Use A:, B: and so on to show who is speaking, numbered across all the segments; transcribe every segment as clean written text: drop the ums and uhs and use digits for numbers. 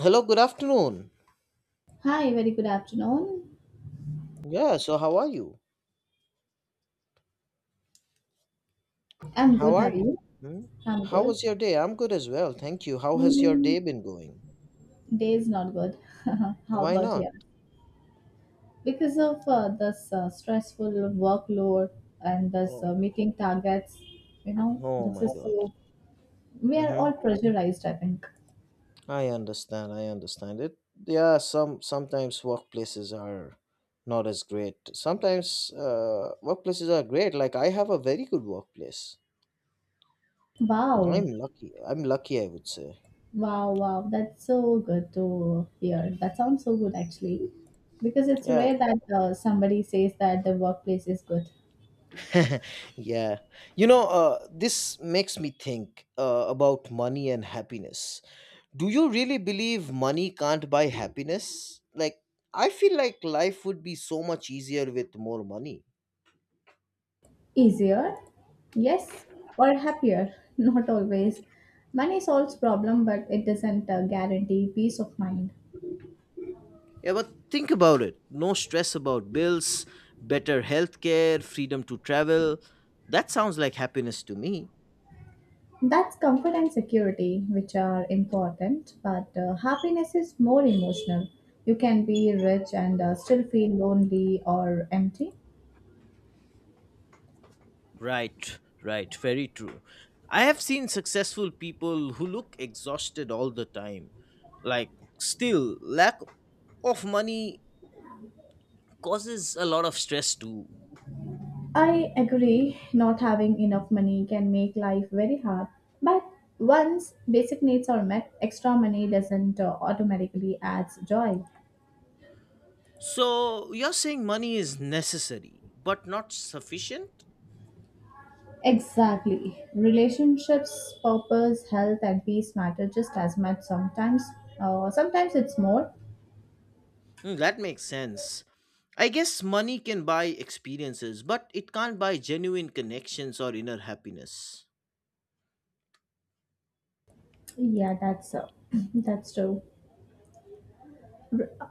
A: Hello, good afternoon.
B: Hi, very good afternoon.
A: Yeah, so how are you?
B: I'm
A: How
B: good.
A: are
B: How are
A: you?
B: you?
A: Hmm?
B: I'm
A: How
B: good.
A: was your day? I'm good as well, thank you. How has your
B: Mm,
A: day been going?
B: day is not good. How
A: Why
B: about you?
A: not?
B: Because of this stressful workload and this
A: Oh,
B: meeting targets,
A: oh
B: this
A: my
B: is
A: God.
B: so, we are
A: Mm-hmm.
B: all pressurized, I think.
A: I understand. I understand it. Yeah, sometimes workplaces are not as great. Sometimes workplaces are great. Like I have a very good workplace. I'm
B: Wow.
A: lucky. I'm lucky, I would say.
B: Wow, wow. That's so good to hear. That sounds so good, actually. Because it's
A: Yeah,
B: rare that somebody says that the workplace is good.
A: yeah this makes me think about money and happiness. Do you really believe money can't buy happiness? Like, I feel like life would be so much easier with more money.
B: Easier? Yes. Or happier? Not always. Money solves problem but it doesn't guarantee peace of mind.
A: Yeah, but think about it. No stress about bills, better healthcare, freedom to travel. That sounds like happiness to me.
B: That's comfort and security which are important but happiness is more emotional. You can be rich and still feel lonely or empty.
A: Right, right, very true. I have seen successful people who look exhausted all the time. Like, still, lack of money causes a lot of stress too.
B: I agree, not having enough money can make life very hard. But once basic needs are met, extra money doesn't automatically adds joy.
A: So, you're saying money is necessary but not sufficient?
B: Exactly. Relationships, purpose, health, and peace matter just as much sometimes. Sometimes it's more.
A: Hmm, that makes sense. I guess money can buy experiences, but it can't buy genuine connections or inner happiness.
B: Yeah, that's that's true.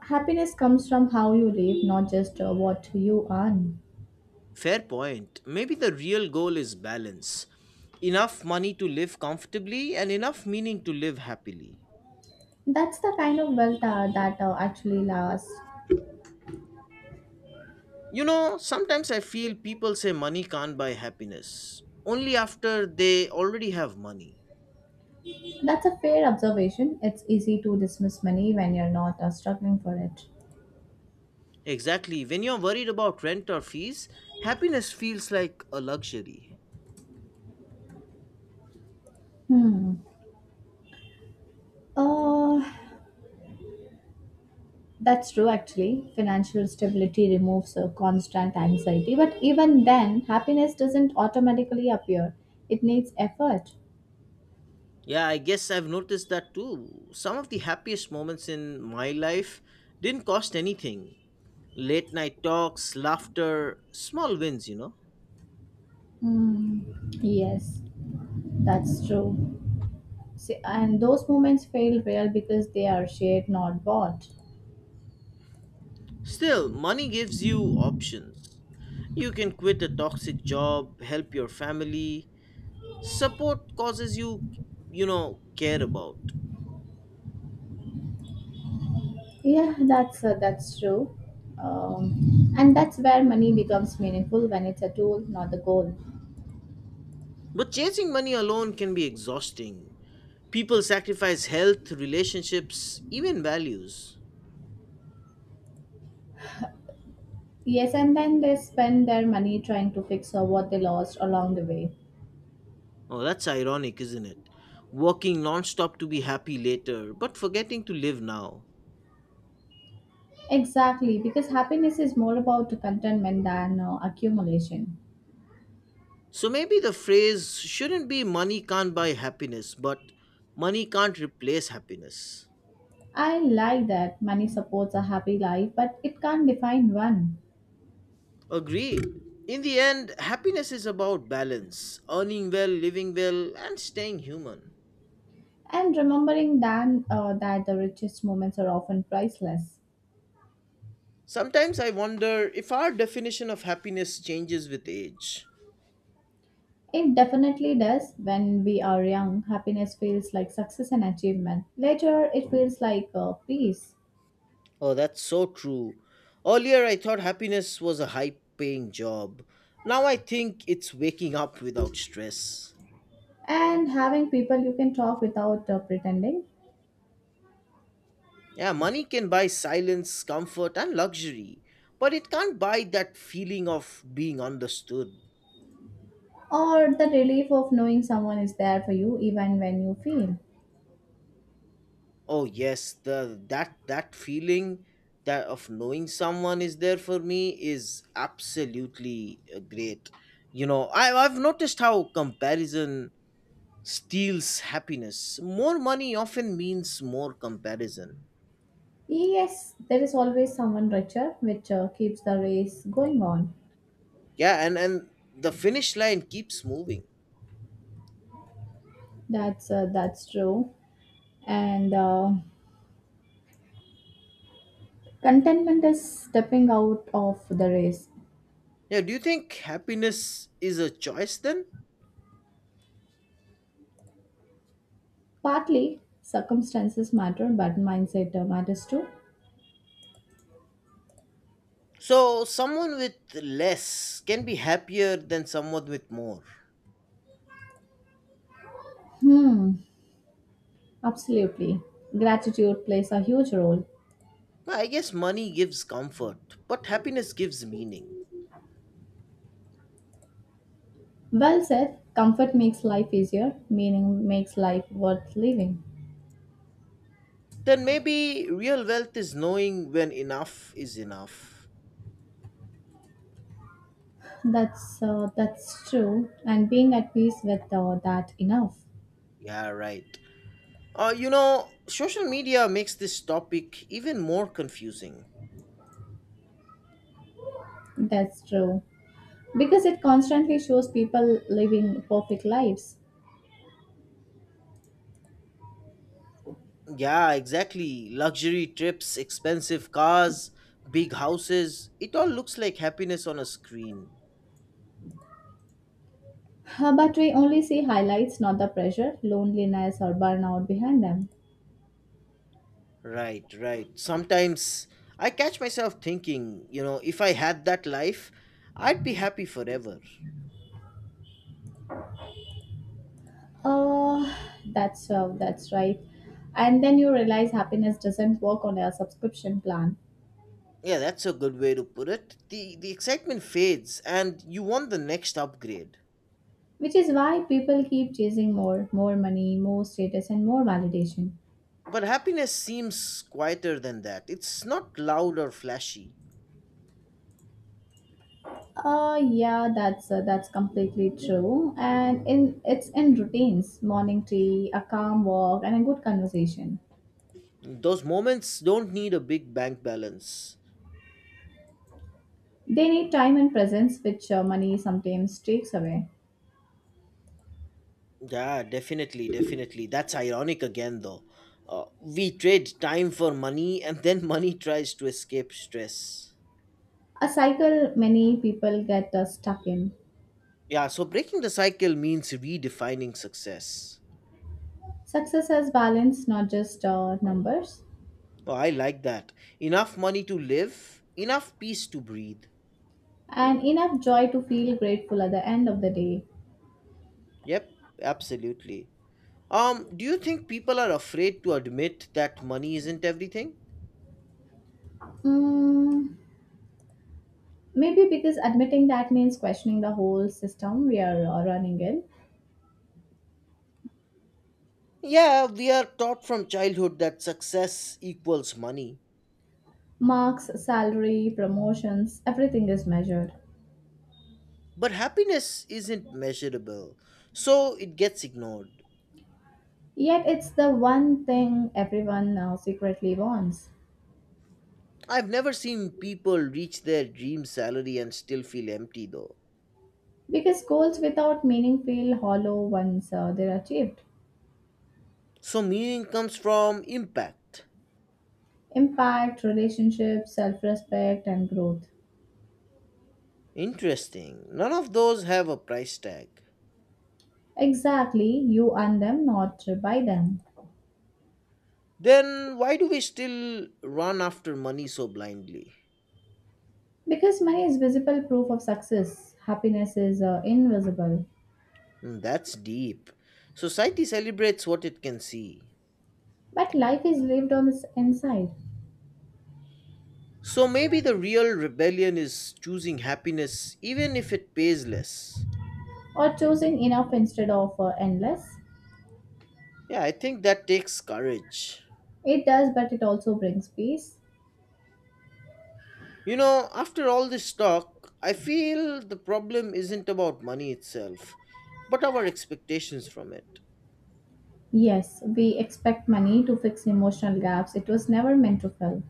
B: Happiness comes from how you live, not just what you earn.
A: Fair point. Maybe the real goal is balance. Enough money to live comfortably and enough meaning to live happily.
B: That's the kind of wealth that actually lasts.
A: You know, sometimes I feel people say money can't buy happiness only after they already have money.
B: That's a fair observation. It's easy to dismiss money when you're not struggling for it.
A: Exactly. When you're worried about rent or fees, happiness feels like a luxury.
B: Hmm. Uh, That's true, actually. Financial stability removes a constant anxiety, but even then, happiness doesn't automatically appear. It needs effort.
A: Yeah, I guess I've noticed that too. Some of the happiest moments in my life didn't cost anything, late night talks, laughter, small wins.
B: Hmm. Yes, that's true. See, and those moments feel real because they are shared, not bought.
A: Still, money gives you options. You can quit a toxic job, help your family, support causes you care about.
B: Yeah, that's true. And that's where money becomes meaningful when it's a tool, not the goal.
A: But chasing money alone can be exhausting. People sacrifice health, relationships, even values.
B: Yes, and then they spend their money trying to fix or what they lost along the way.
A: Oh, that's ironic, isn't it? Working nonstop to be happy later, but forgetting to live now.
B: Exactly, because happiness is more about contentment than accumulation.
A: So maybe the phrase shouldn't be money can't buy happiness, but money can't replace happiness.
B: I like that money supports a happy life, but it can't define one.
A: Agreed. In the end, happiness is about balance, earning well, living well, and staying human.
B: And remembering that, that the richest moments are often priceless.
A: Sometimes I wonder if our definition of happiness changes with age.
B: It definitely does. When we are young, happiness feels like success and achievement. Later, it feels like peace.
A: Oh, that's so true. Earlier, I thought happiness was a high paying job. Now I think it's waking up without stress.
B: And having people you can talk without pretending,
A: Yeah, money can buy silence, comfort, and luxury, but it can't buy that feeling of being understood.
B: or the relief of knowing someone is there for you even when you feel.
A: Oh yes, the that that feeling that of knowing someone is there for me is absolutely great. You know, I've noticed how comparison steals happiness. More money often means more comparison.
B: Yes, there is always someone richer, which keeps the race going on.
A: Yeah, and the finish line keeps moving.
B: That's true. And contentment is stepping out of the race.
A: Yeah, do you think happiness is a choice then?
B: Partly, circumstances matter, but mindset matters too.
A: So someone with less can be happier than someone with more.
B: Hmm, absolutely. Gratitude plays a huge role.
A: Well, I guess money gives comfort, but happiness gives meaning.
B: Well said. Comfort makes life easier. Meaning makes life worth living.
A: Then maybe real wealth is knowing when enough is enough.
B: That's true. And being at peace with that enough.
A: Yeah, right. You know, social media makes this topic even more confusing.
B: That's true. Because it constantly shows people living perfect lives.
A: Yeah, exactly. Luxury trips, expensive cars, big houses. It all looks like happiness on a screen.
B: But we only see highlights, not the pressure, loneliness, or burnout behind them.
A: Right, right. Sometimes I catch myself thinking, if I had that life, I'd be happy forever.
B: Oh, that's right. And then you realize happiness doesn't work on a subscription plan,
A: Yeah, that's a good way to put it. The excitement fades and you want the next upgrade.
B: which is why people keep chasing more, more money, more status, and more validation.
A: But happiness seems quieter than that. It's not loud or flashy.
B: Yeah, that's completely true. And in it's in routines, morning tea, a calm walk, and a good conversation.
A: Those moments don't need a big bank balance.
B: They need time and presence, which money sometimes takes away.
A: Yeah, definitely, definitely. That's ironic again though. We trade time for money and then money tries to escape stress.
B: A cycle many people get stuck in.
A: Yeah, so breaking the cycle means redefining success.
B: Success has balance, not just numbers,
A: Oh, I like that. Enough money to live, enough peace to breathe.
B: and enough joy to feel grateful at the end of the day.
A: Yep, absolutely. Do you think people are afraid to admit that money isn't everything?
B: Mm, maybe because admitting that means questioning the whole system we are running in.
A: Yeah, we are taught from childhood that success equals money,
B: Marks, salary, promotions, everything is measured.
A: but happiness isn't measurable, so it gets ignored.
B: Yet it's the one thing everyone now secretly wants.
A: I've never seen people reach their dream salary and still feel empty though.
B: Because goals without meaning feel hollow once they're achieved.
A: So meaning comes from impact.
B: Impact, relationships, self respect, and growth.
A: Interesting. None of those have a price tag.
B: Exactly, you earn them, not buy them.
A: Then why do we still run after money so blindly?
B: Because money is visible proof of success, happiness is invisible.
A: Mm, that's deep. So, society celebrates what it can see.
B: But life is lived on the inside,
A: So maybe the real rebellion is choosing happiness even if it pays less.
B: or choosing enough instead of endless.
A: Yeah, I think that takes courage.
B: It does, but it also brings peace.
A: You know, after all this talk, I feel the problem isn't about money itself, but our expectations from it,
B: Yes, we expect money to fix emotional gaps it was never meant to fill.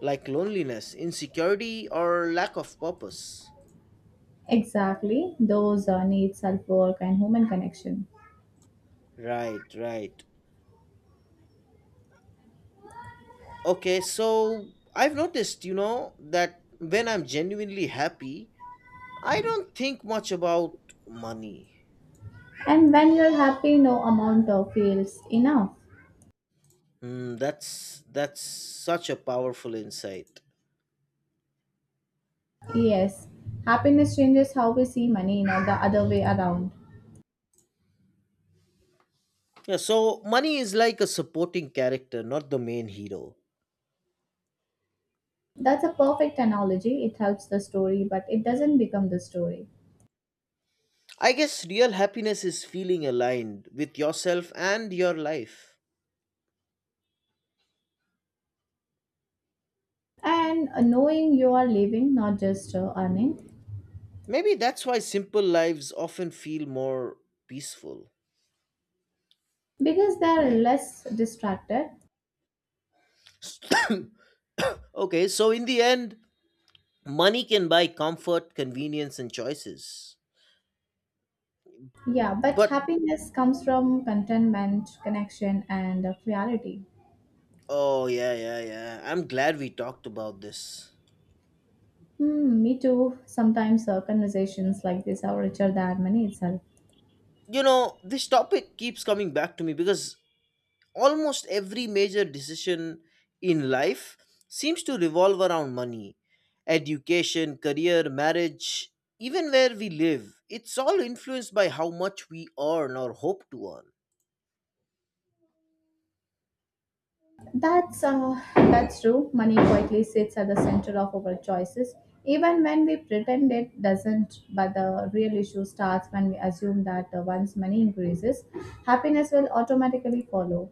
A: like loneliness, insecurity, or lack of purpose.
B: Exactly, those need self work and human connection.
A: Right, right. Okay, so I've noticed that when I'm genuinely happy, I don't think much about money.
B: And when you're happy, no amount of feels enough.
A: Mm, that's such a powerful insight.
B: Yes, happiness changes how we see money, not the other way around.
A: Yeah, so money is like a supporting character, not the main hero.
B: That's a perfect analogy. It helps the story, but it doesn't become the story.
A: I guess real happiness is feeling aligned with yourself and your life.
B: And knowing you are living, not just earning,
A: Maybe that's why simple lives often feel more peaceful.
B: because they are less distracted.
A: Okay, so in the end, money can buy comfort, convenience, and choices.
B: Yeah, but
A: But
B: happiness comes from contentment, connection, and clarity.
A: oh yeah, yeah, yeah, I'm glad we talked about this.
B: Hmm, me too. Sometimes conversations like this are richer than money itself.
A: You know, this topic keeps coming back to me because almost every major decision in life seems to revolve around money. Education, career, marriage, even where we live. It's all influenced by how much we earn or hope to earn.
B: That's true. Money quietly sits at the center of our choices, even when we pretend it doesn't. But the real issue starts when we assume that once money increases, happiness will automatically follow.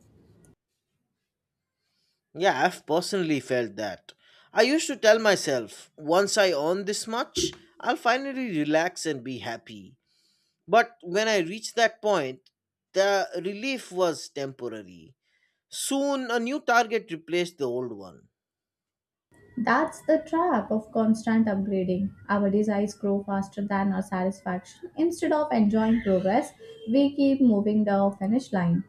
A: Yeah, I've personally felt that. I used to tell myself, once I earn this much, I'll finally relax and be happy. But when I reached that point, the relief was temporary. Soon, a new target replaced the old one.
B: That's the trap of constant upgrading. Our desires grow faster than our satisfaction. Instead of enjoying progress, we keep moving the finish line.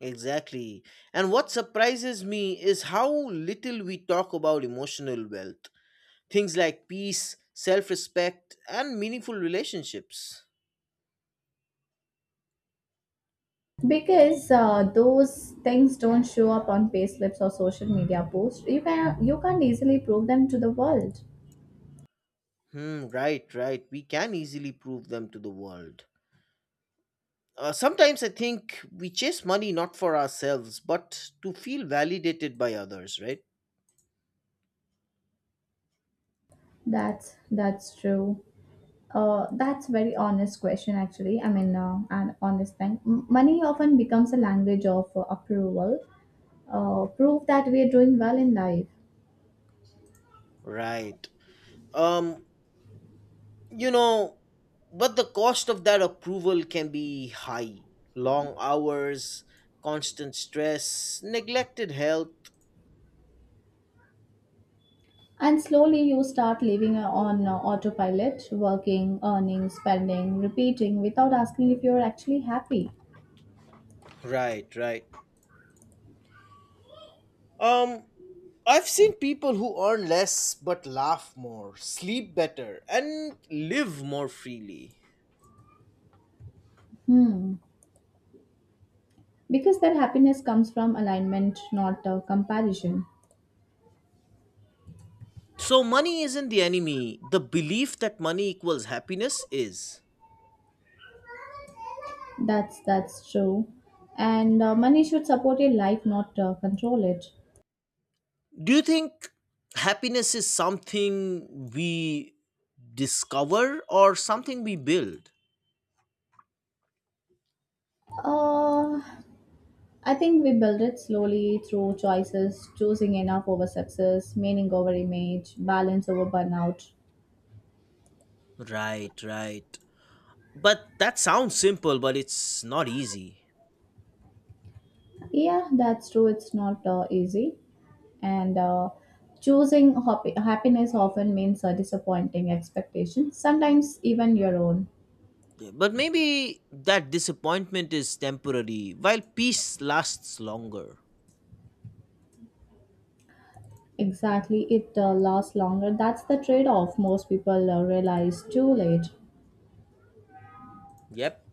A: Exactly. And what surprises me is how little we talk about emotional wealth. Things like peace, self respect, and meaningful relationships.
B: Because those things don't show up on payslips or social media posts. You can't easily prove them to the world.
A: Hmm, right, right. We can easily prove them to the world. Sometimes I think we chase money not for ourselves, but to feel validated by others, right?
B: That's true. That's very honest question actually. An honest thing. Money often becomes a language of approval, proof that we're doing well in life.
A: Right. Um, you know but the cost of that approval can be high. Long hours, constant stress, neglected health.
B: And slowly you start living on autopilot, working, earning, spending, repeating, without asking if you're actually happy.
A: Right, right. um I've seen people who earn less but laugh more, sleep better, and live more freely.
B: Hmm, because that happiness comes from alignment, not comparison.
A: So money isn't the enemy, the belief that money equals happiness is.
B: That's true. And money should support your life, not control it.
A: Do you think happiness is something we discover or something we build?
B: Uh, i think we build it slowly through choices, choosing enough over success, meaning over image, balance over burnout.
A: Right, right. But that sounds simple, but it's not easy.
B: Yeah, that's true. It's not easy. And choosing happiness often means disappointing expectations, sometimes even your own.
A: But maybe that disappointment is temporary, while peace lasts longer.
B: Exactly, it lasts longer. That's the trade off most people realize too late.
A: Yep.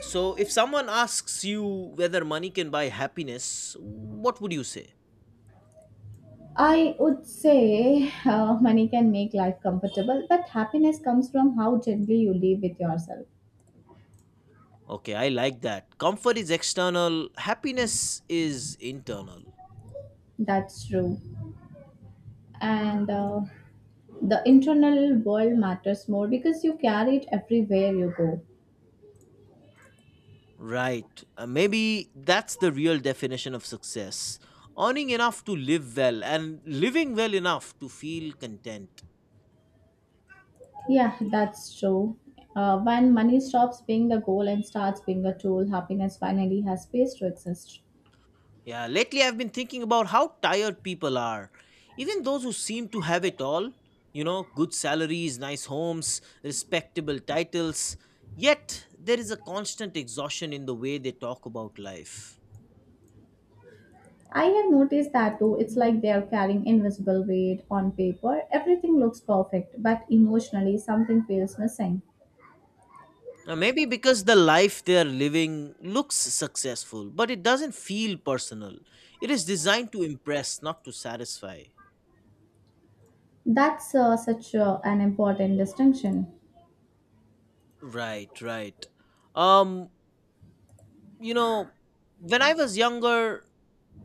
A: So if someone asks you whether money can buy happiness, what would you say?
B: I would say money can make life comfortable, but happiness comes from how gently you live with yourself.
A: Okay, I like that. Comfort is external, happiness is internal.
B: That's true. And the internal world matters more because you carry it everywhere you go.
A: Right. Maybe that's the real definition of success. Earning enough to live well and living well enough to feel content.
B: Yeah, that's true. When money stops being the goal and starts being a tool, happiness finally has space to exist.
A: Yeah, lately I've been thinking about how tired people are. Even those who seem to have it all, you know, good salaries, nice homes, respectable titles, yet there is a constant exhaustion in the way they talk about life.
B: I have noticed that too. It's like they are carrying invisible weight on paper. Everything looks perfect, but emotionally something feels missing.
A: Now, maybe because the life they are living looks successful, but it doesn't feel personal. It is designed to impress, not to satisfy.
B: That's such an important distinction.
A: Right, right. Um, you know, when I was younger,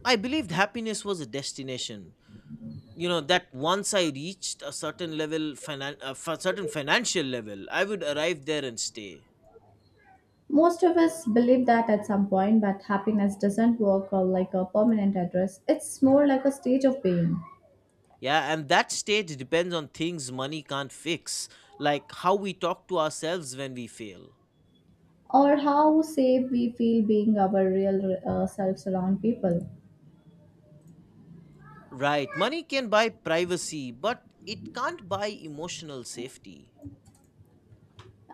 A: I believed happiness was a destination. You know, that once I reached a certain level certain financial level, I would arrive there and stay.
B: Most of us believe that at some point, but happiness doesn't work like a permanent address. It's more like a stage of being,
A: Yeah, and that stage depends on things money can't fix, like how we talk to ourselves when we fail.
B: or how safe we feel being our real selves around people.
A: Right, money can buy privacy but it can't buy emotional safety.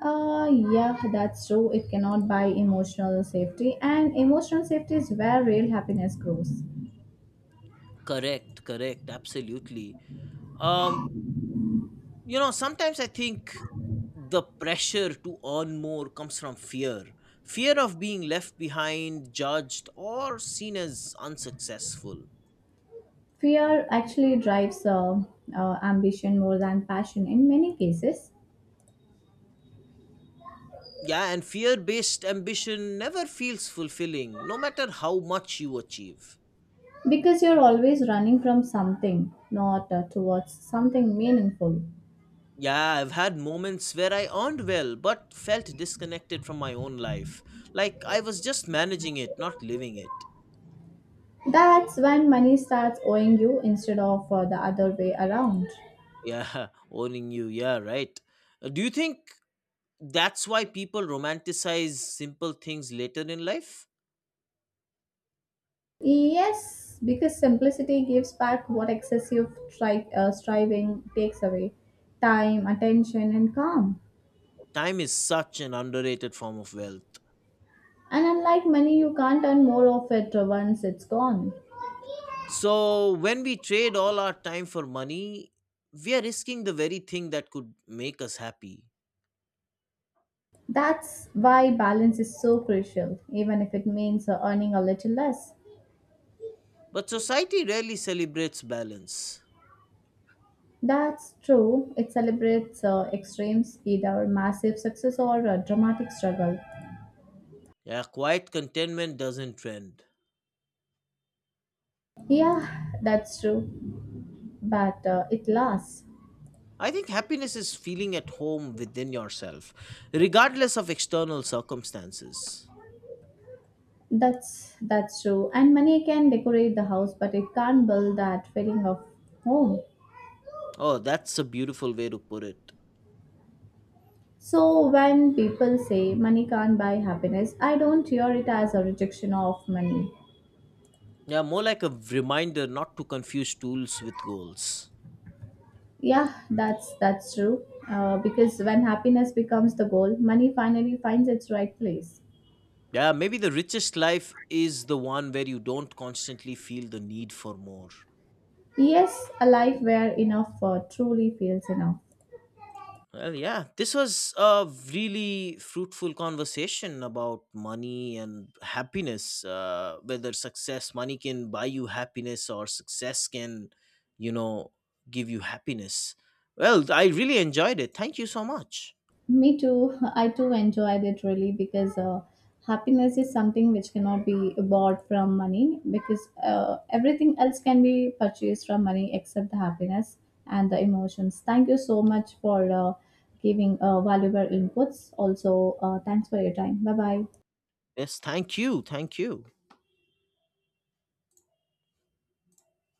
B: Yeah, that's true. It cannot buy emotional safety, and emotional safety is where real happiness grows.
A: Correct, correct, absolutely. um you know, sometimes I think the pressure to earn more comes from fear. Fear of being left behind, judged, or seen as unsuccessful.
B: Fear actually drives ambition more than passion in many cases,
A: Yeah, and fear based ambition never feels fulfilling no matter how much you achieve.
B: because you're always running from something, not towards something meaningful.
A: Yeah, I've had moments where I earned well but felt disconnected from my own life, like I was just managing it, not living it.
B: That's when money starts owing you instead of the other way around.
A: Yeah, owning you, yeah, right. Do you think that's why people romanticize simple things later in life?
B: Yes, because simplicity gives back what excessive striving takes away: time, attention, and calm.
A: Time is such an underrated form of wealth.
B: And unlike money, you can't earn more of it once it's gone.
A: So, when we trade all our time for money, we are risking the very thing that could make us happy.
B: That's why balance is so crucial, even if it means earning a little less.
A: But society rarely celebrates balance.
B: That's true. It celebrates extremes, either massive success or a dramatic struggle.
A: Yeah, quiet contentment doesn't trend.
B: Yeah, that's true. But it lasts.
A: I think happiness is feeling at home within yourself, regardless of external circumstances.
B: That's true. And money can decorate the house, but it can't build that feeling of home.
A: Oh, that's a beautiful way to put it.
B: So when people say money can't buy happiness, I don't hear it as a rejection of money.
A: Yeah, more like a reminder not to confuse tools with goals.
B: Yeah, that's true. Because when happiness becomes the goal, money finally finds its right place.
A: Yeah, maybe the richest life is the one where you don't constantly feel the need for more.
B: Yes, a life where enough truly feels enough.
A: Well, yeah, this was a really fruitful conversation about money and happiness. Whether success, money can buy you happiness, or success can, you know, give you happiness. Well, I really enjoyed it. Thank you so much.
B: Me too. I too enjoyed it really because happiness is something which cannot be bought from money, because everything else can be purchased from money except the happiness and the emotions. Thank you so much for giving valuable inputs. Also, thanks for your time. Bye bye.
A: Yes, thank you. Thank you.